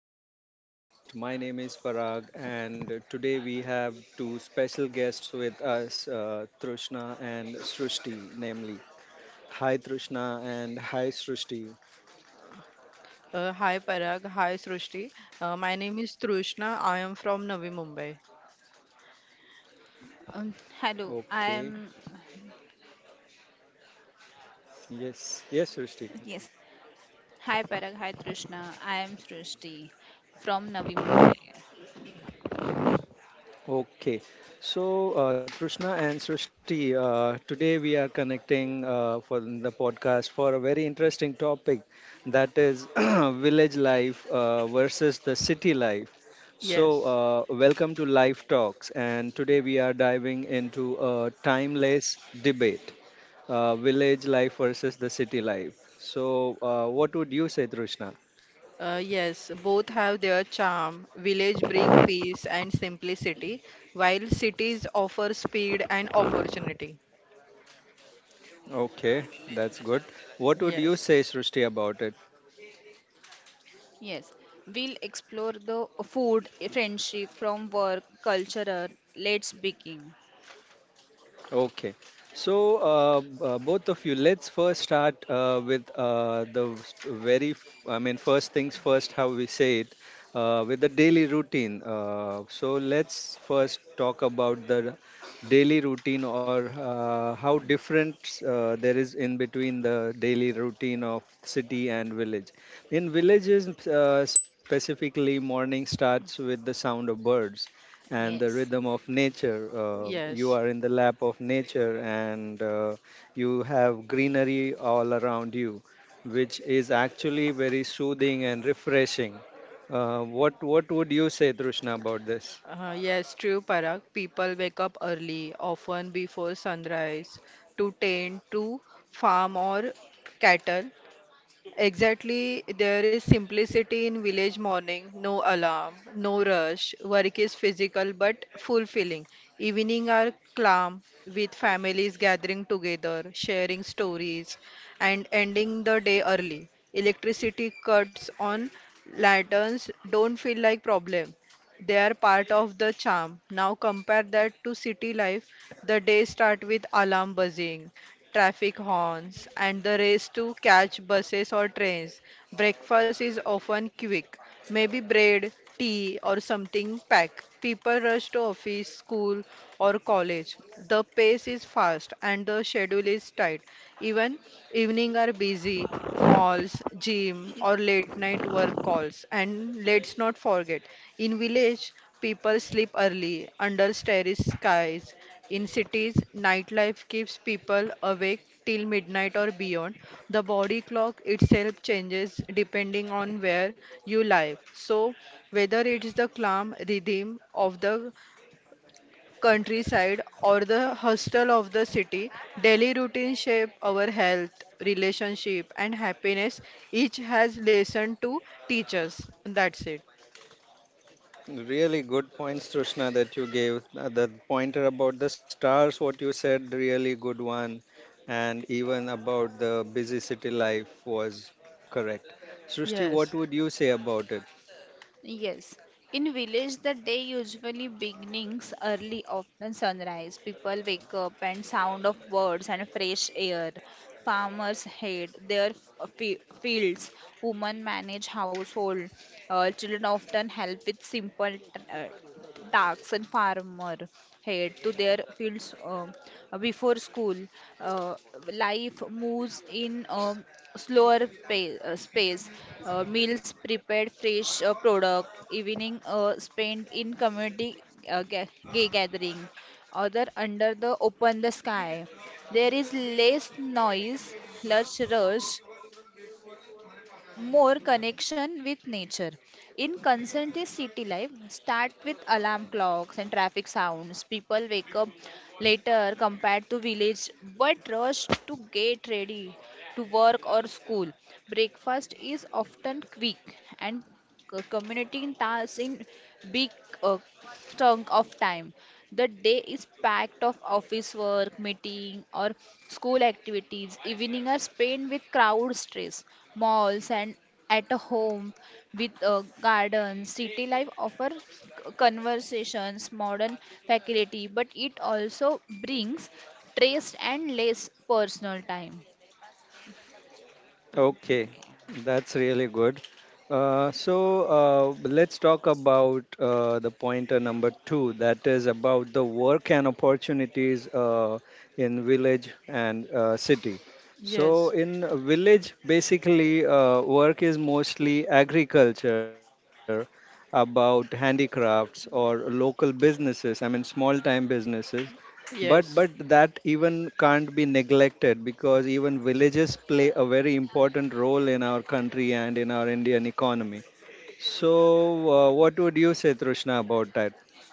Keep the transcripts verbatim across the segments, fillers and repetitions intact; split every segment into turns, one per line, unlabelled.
welcome to my podcast. My name is Parag, and today we have two special guests with us, uh, Trishna and Srushti, namely. Hi, Trishna, and hi, Srushti.
Uh, hi Parag, hi Srushti. Uh, my name is Trushna. I am from Navi Mumbai.
Um, Hello,
Okay,
I am.
yes, yes, Srushti.
Yes. Hi, Parag. Hi, Trishna. I am Srishti from Navi Mumbai.
Okay, so uh, Trishna and Srishti, uh, today we are connecting uh, for the podcast for a very interesting topic that is village life uh, versus the city life. So,
Yes,
uh, welcome to Life Talks, and today we are diving into a timeless debate, uh, village life versus the city life. So, uh, what would you say, Trishna?
uh, yes, both have their charm. Village bring peace and simplicity, while cities offer speed and opportunity.
Okay, that's good. What would you
Yes,
say, Srishti, about it?
Yes. We'll explore the food, friendship, from work, cultural. Let's begin.
Okay. So, uh, b- uh, both of you, let's first start uh, with uh, the st- very, f- I mean, first things first, how we say it, uh, with the daily routine. Uh, so, let's first talk about the daily routine, or uh, how different uh, there is in between the daily routine of city and village. In villages, uh, specifically, morning starts with the sound of birds and the
Yes.
rhythm of nature. Uh, you
yes.
are in the lap of nature and uh, you have greenery all around you, which is actually very soothing and refreshing. Uh, what what would you say, Trishna, about this?
Uh, yes, true, Parag. People wake up early, often before sunrise, to tend to farm or cattle. Exactly, there is simplicity in village morning, no alarm, no rush. Work is physical but fulfilling. Evening are calm with families gathering together, sharing stories, and ending the day early. Electricity cuts on lanterns don't feel like problem. They are part of the charm. Now compare that to city life. The day start with alarm buzzing, traffic horns, and the race to catch buses or trains. Breakfast is often quick, maybe bread, tea, or something packed. People rush to office, school, or college. The pace is fast and the schedule is tight. Even evening are busy malls, gym, or late night work calls. And let's not forget, in village, people sleep early under starry skies. In cities, nightlife keeps people awake till midnight or beyond. The body clock itself changes depending on where you live. So, whether it's the calm rhythm of the countryside or the hustle of the city, daily routines shape our health, relationship, and happiness. Each has lesson to teach us. That's it.
Really good points, Trishna, that you gave. Uh, The pointer about the stars, what you said, really good one, and even about the busy city life was correct. Srishti, what
Yes,
would you say about it?
Yes. In village, the day usually begins early, often sunrise. People wake up and sound of birds and fresh air. Farmers head their f- fi- fields. Women manage household. Uh, children often help with simple t- uh, Daks and farmer head to their fields uh, before school. Uh, Life moves in um slower pa- uh, space. Uh, meals prepared, fresh uh, product. Evening uh, spent in community uh, ga- ga- gathering. Other under the open the sky. There is less noise, less rush, more connection with nature. In conscientious city life, start with alarm clocks and traffic sounds. People wake up later compared to village, but rush to get ready to work or school. Breakfast is often quick and c- communicating tasks in big uh, chunk of time. The day is packed of office work, meeting or school activities. Evening are spent with crowd stress, malls and at a home with uh, gardens. City life offer c- conversations, modern facility, but it also brings stress and less personal time.
Okay,
Okay.
that's really good. Uh, so uh, let's talk about uh, the pointer number two, that is about the work and opportunities uh, in village and uh, city. So
yes,
in village, basically, uh, work is mostly agriculture, about handicrafts or local businesses. I mean, small time businesses, but but
yes,
that even can't be neglected, because even villages play a very important role in our country and in our Indian economy. So, uh, what would you say, Trishna, about that?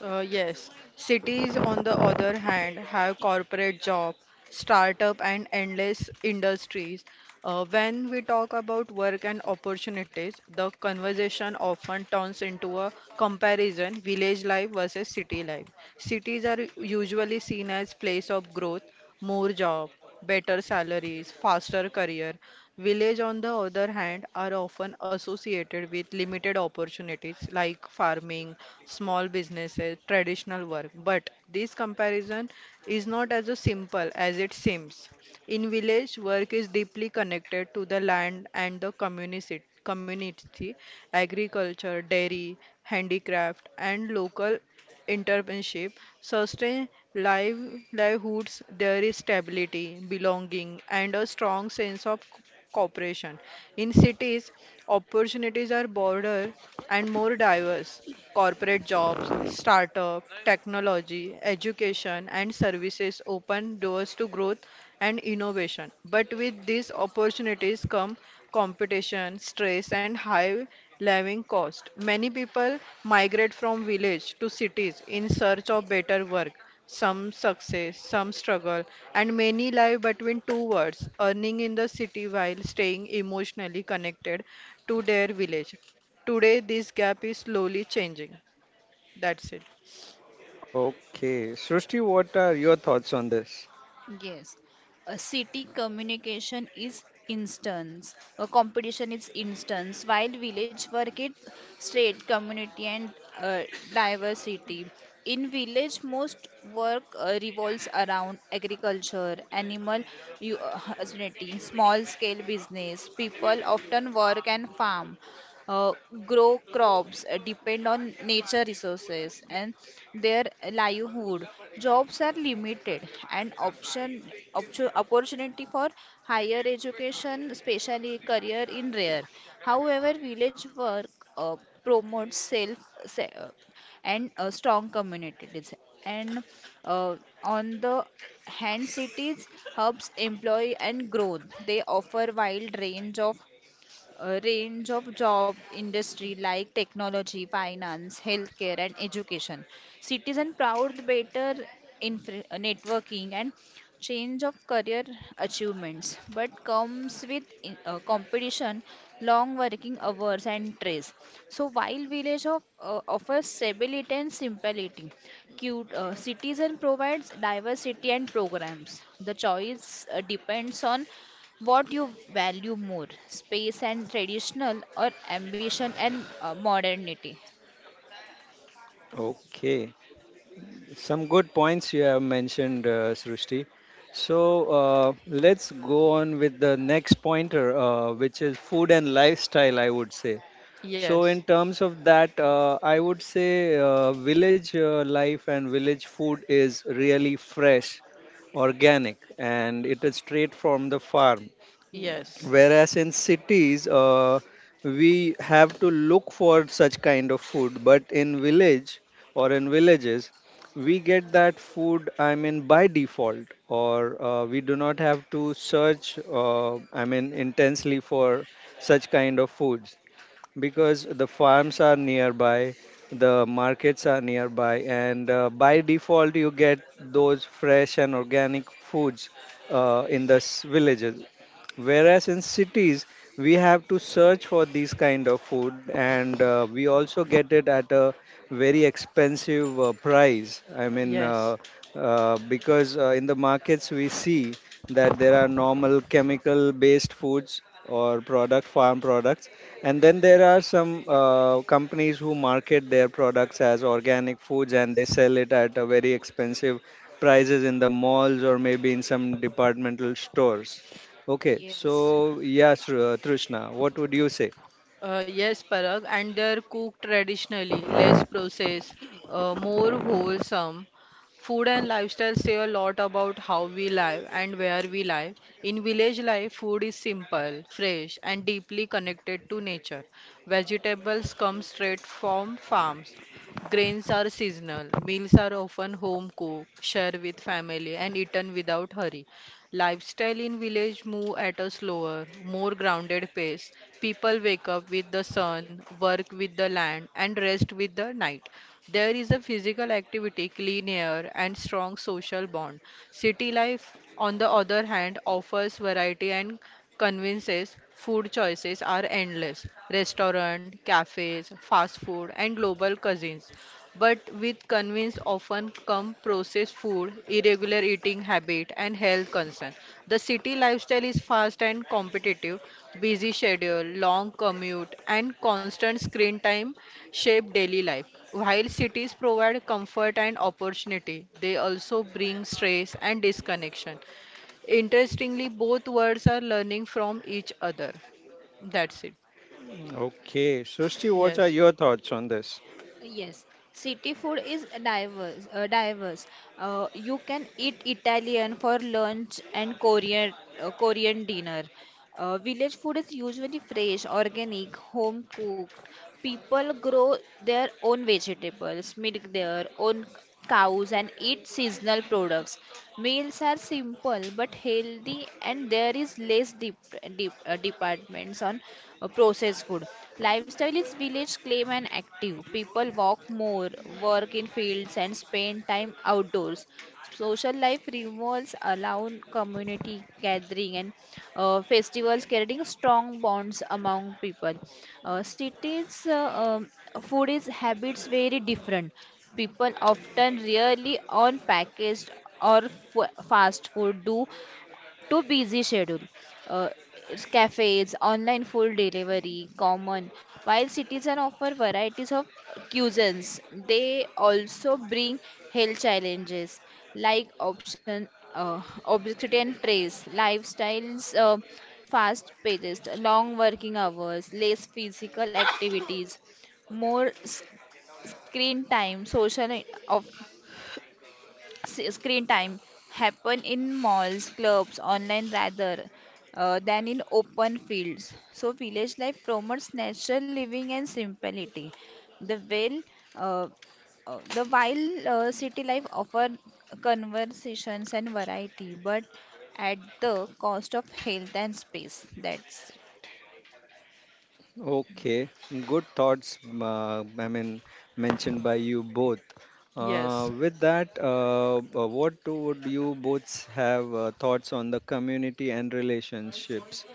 uh, yes. Cities, on the other hand, have corporate job, startup, and endless industries. Uh, when we talk about work and opportunities, the conversation often turns into a comparison village life versus city life. Cities are usually seen as place of growth, more job, better salaries, faster career. Village, on the other hand, are often associated with limited opportunities like farming, small businesses, traditional work. But this comparison is not as simple as it seems. In village, work is deeply connected to the land and the community, community, agriculture, dairy, handicraft, and local entrepreneurship sustain live- livelihoods. There is stability, belonging, and a strong sense of co- cooperation. In cities, opportunities are broader and more diverse. Corporate jobs, startup, technology, education, and services open doors to growth and innovation. But with these opportunities come competition, stress, and high living cost. Many people migrate from village to cities in search of better work. Some success, some struggle, and many live between two worlds, earning in the city while staying emotionally connected to their village. Today, this gap is slowly changing. That's it.
Okay, Srushti, what are your thoughts on this?
Yes, a city communication is instance, a competition is instance, while village work is straight community and uh, diversity. In village, most work uh, revolves around agriculture, animal u- uh, husbandry, small scale business. People often work and farm uh, grow crops, uh, depend on nature resources, and their livelihood. Jobs are limited, and option option opportunity for higher education, especially career, in rare. However, village work uh, promotes self se- uh, and uh, strong communities. And uh, on the hand, cities hubs employ and growth. They offer wide range of a range of job industry like technology, finance, healthcare, and education. Citizen proud better infra- networking and change of career achievements, but comes with in- uh, competition, long working hours, and stress. So while village of, uh, offers stability and simplicity, cute uh, citizen provides diversity and programs. The choice uh, depends on what you value more, space and traditional, or ambition and uh, modernity?
Okay, some good points you have mentioned, uh, Srushti. So uh, let's go on with the next pointer, uh, which is food and lifestyle, I would say. So,
Yes,
in terms of that, uh, I would say uh, village uh, life and village food is really fresh, organic, and it is straight from the farm.
yes,
Yes.
Whereas in cities, uh, we have to look for such kind of food, but in village or in villages, we get that food, I mean, by default, or uh, we do not have to search, uh, I mean, intensely for such kind of foods, because the farms are nearby, the markets are nearby, and uh, by default, you get those fresh and organic foods uh, in the s- villages. Whereas in cities, we have to search for these kind of food, and uh, we also get it at a very expensive uh, price. I mean, uh,
yes.
uh, because uh, in the markets, we see that there are normal chemical based foods, or product farm products, and then there are some uh, companies who market their products as organic foods, and they sell it at a very expensive prices in the malls or maybe in some departmental stores. Okay,
Yes.
so yes, Tr- uh, Trishna, what would you say?
Uh, yes, Parag, and they're cooked traditionally, less processed, uh, more wholesome. Food and lifestyle say a lot about how we live and where we live. In village life, food is simple, fresh, and deeply connected to nature. Vegetables come straight from farms. Grains are seasonal. Meals are often home cooked, shared with family, and eaten without hurry. Lifestyle in village move at a slower, more grounded pace. People wake up with the sun, work with the land, and rest with the night. There is a physical activity, clean air, and strong social bond. City life, on the other hand, offers variety and conveniences. Food choices are endless. Restaurant, cafes, fast food, and global cuisines. But with convenience often come processed food, irregular eating habit, and health concern. The city lifestyle is fast and competitive, busy schedule, long commute, and constant screen time shape daily life. While cities provide comfort and opportunity, they also bring stress and disconnection. Interestingly, both worlds are learning from each other. That's it.
Okay, Srushti, what are
Yes.
your thoughts on this?
Yes, city food is diverse. Uh, diverse. Uh, you can eat Italian for lunch and Korean uh, Korean dinner. Uh, village food is usually fresh, organic, home cooked. People grow their own vegetables, make their own cows and eat seasonal products. Meals are simple but healthy, and there is less dep dep- uh, departments on uh, processed food. Lifestyle is village claim and active. People walk more, work in fields, and spend time outdoors. Social life revolves around community gathering and uh, festivals, creating strong bonds among people. Uh, cities uh, um, Food is habits very different people often rarely on packaged or f- fast food due to busy schedule. Uh, Cafes, online food delivery, common. While citizens offer varieties of cuisines, they also bring health challenges like option uh, obesity and trace, lifestyles. Uh, fast paced long working hours less physical activities more screen time, social I- of s- screen time happen in malls, clubs, online rather uh, than in open fields. So village life promotes natural living and simplicity. The well, uh, uh, the While uh, city life offer conversations and variety, but at the cost of health and space. That's
Okay, good thoughts, m- Uh, I mean, mentioned by you both. Uh,
Yes.
with that, uh, uh, what do- would you both have uh, thoughts on the community and relationships?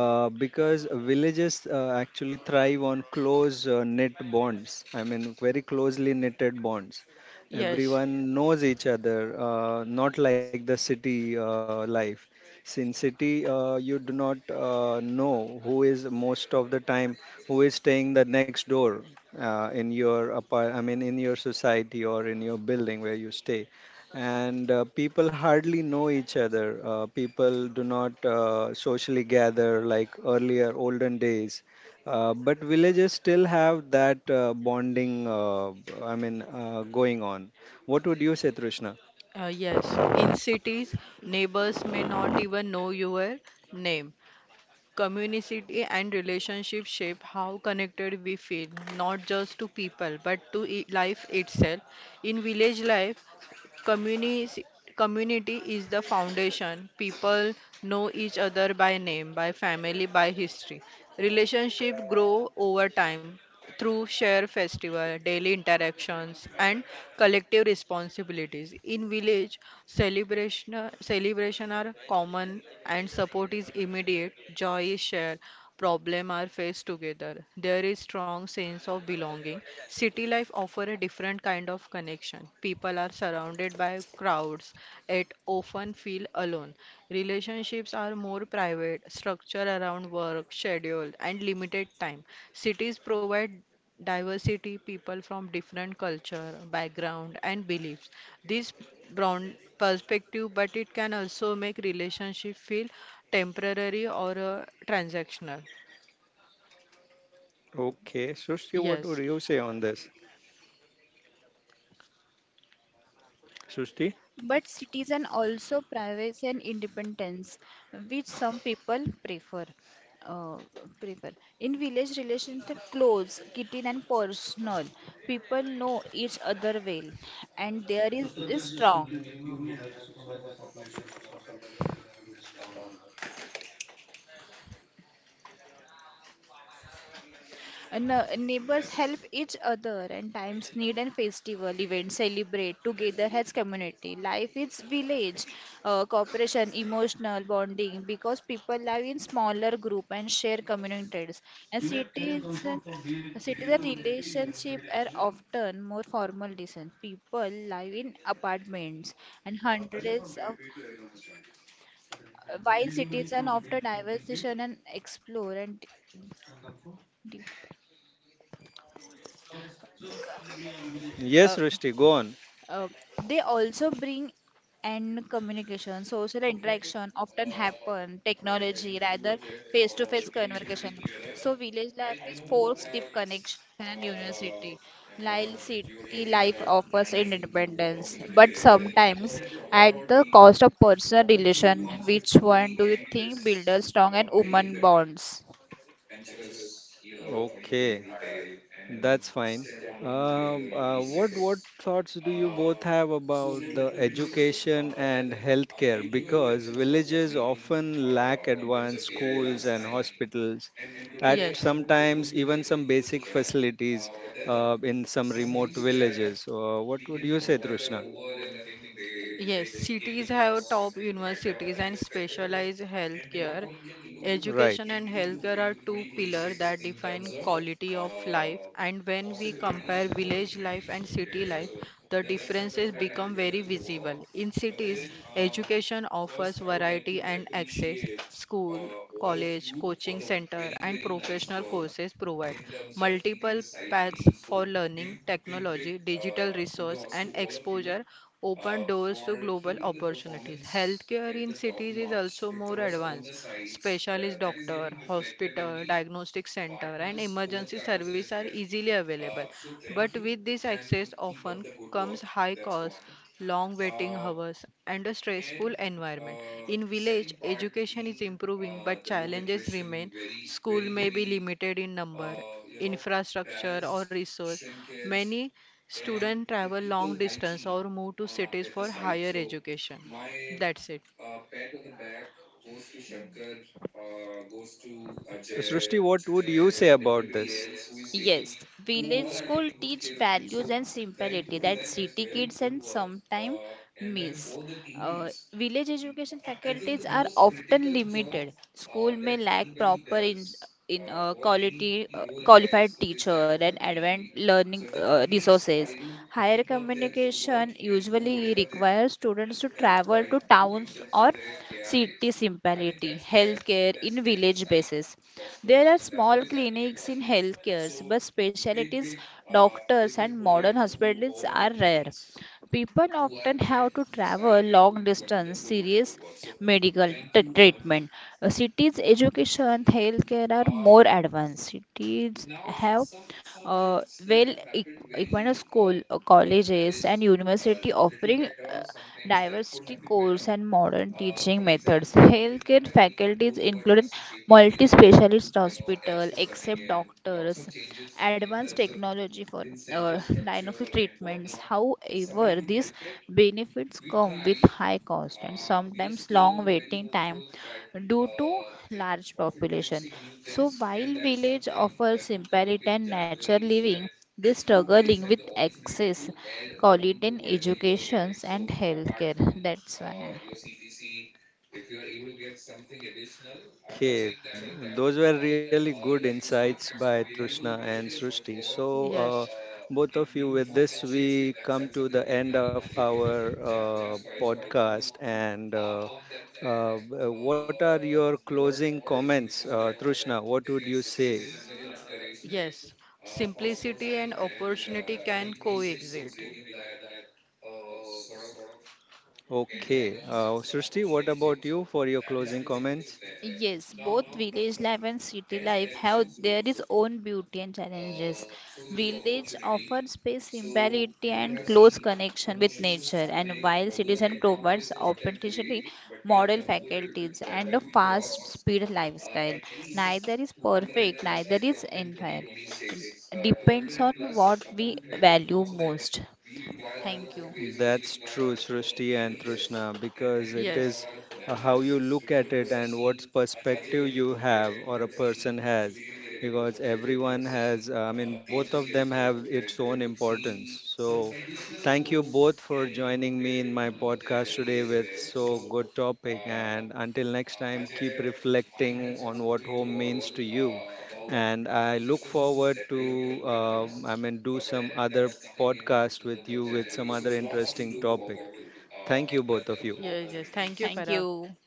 Uh, because villages uh, actually thrive on close uh, knit bonds. I mean, very closely knitted bonds.
Yes.
Everyone knows each other, uh, not like the city uh, life. Sin City, uh, you do not uh, know who is, most of the time, who is staying the next door uh, in your apart. I mean, in your society or in your building where you stay, and uh, people hardly know each other. Uh, people do not uh, socially gather like earlier olden days. Uh, but villages still have that uh, bonding. Uh, I mean, uh, going on. What would you say, Trishna?
Uh, yes, in cities, neighbors may not even know your name. Community and relationship shape how connected we feel, not just to people, but to i- life itself. In village life, Community, community is the foundation. People know each other by name, by family, by history. Relationship grow over time through share festival, daily interactions, and collective responsibilities. In village, celebration celebration are common and support is immediate. Joy is shared. Problem are faced together there is strong sense of belonging. City life offer a different kind of connection. People are surrounded by crowds yet often feel alone. Relationships are more private, structure around work, schedule, and limited time. Cities provide diversity, people from different culture, background, and beliefs. This broad perspective, but it can also make relationship feel temporary or uh, transactional.
Okay, Srishti, what
Yes.
would you say on this? Srushti?
but citizen also privacy and independence, which some people prefer. Uh, prefer. In village relations, are close, kitchen and personal. People know each other well, and there is, is strong. And, uh, neighbors help each other and times need and festival events celebrate together as community life is village uh, cooperation emotional bonding because people live in smaller group and share communities and cities and citizen relationship are often more formal distance people live in apartments and hundreds of while cities and often diversification and explore and d- d- uh,
Yes, Rushti, go on.
Uh, they also bring and communication, social interaction often happen, technology rather face-to-face conversation. So village life is forced deep connection and university. While city life offers independence, but sometimes at the cost of personal relation. Which one do you think builds strong and human bonds?
Okay, that's fine. Um, uh, what what thoughts do you both have about the education and healthcare? Because villages often lack advanced schools and hospitals, at
Yes.
sometimes even some basic facilities uh, in some remote villages. Uh, what would you say, Trishna?
Yes, cities have top universities and specialized healthcare.
Right.
Education and healthcare are two pillars that define quality of uh, life, and when we compare village life and Yeah, city so life, the differences become very visible. In cities, education offers variety and access. School, college, coaching center, and professional courses provide multiple paths for learning, technology, digital resource, and exposure open doors to global opportunities. Healthcare in cities is also more advanced. Specialist doctor, hospital, diagnostic center, and emergency service are easily available. But with this access often comes high cost, long waiting hours, and a stressful environment. In village, education is improving, but challenges remain. School may be limited in number infrastructure or resource many Students travel long distance or move to cities for higher education. That's it.
Uh, S- Srishti, what would you say about this?
Yes, village school teach values and simplicity that city kids and sometimes miss. Uh, village education faculties are often limited. School may lack proper in in uh, quality uh, qualified teacher and advanced learning uh, resources. Higher communication usually requires students to travel to towns or city simplicity. Healthcare in village basis there are small clinics in healthcare, but specialties, doctors, and modern hospitals are rare. People often have to travel long distance serious medical t- treatment. Uh, Cities education healthcare are more advanced. Cities have uh, well equipped school, uh, colleges, and university offering uh, diversity course and modern teaching methods. Healthcare faculties include multi-specialist hospital, except doctors, advanced technology for uh, diagnostic treatments. However, this benefits come with high cost and sometimes long waiting time due to large population. So while village offers simplicity and nature living, they struggling with access, quality in educations and healthcare. That's why.
Okay, those were really good insights by Trishna and Srishti. So, uh,
Yes.
both of you, with this, we come to the end of our uh, podcast. And uh, uh, b- what are your closing comments, uh, Trishna? What would you say?
Yes. Simplicity and opportunity can coexist.
Okay, uh, Srishti, what about you for your closing comments?
Yes, both village life and city life have their its own beauty and challenges. Village offer space, simplicity, and close connection with nature, and while citizen provides opportunity, model faculties, and a fast speed lifestyle. Neither is perfect, neither is entire. It depends on what we value most. Thank you.
That's true, Srishti and Trishna, because it
Yes.
is uh, how you look at it and what perspective you have, or a person has. Because everyone has, uh, I mean, both of them have its own importance. So, thank you both for joining me in my podcast today with so good topic. And until next time, keep reflecting on what home means to you, and I look forward to, um, I mean, do some other podcast with you with some other interesting topic. Thank you both of you.
Yes, yes. Thank you,
Thank
Parag.
you.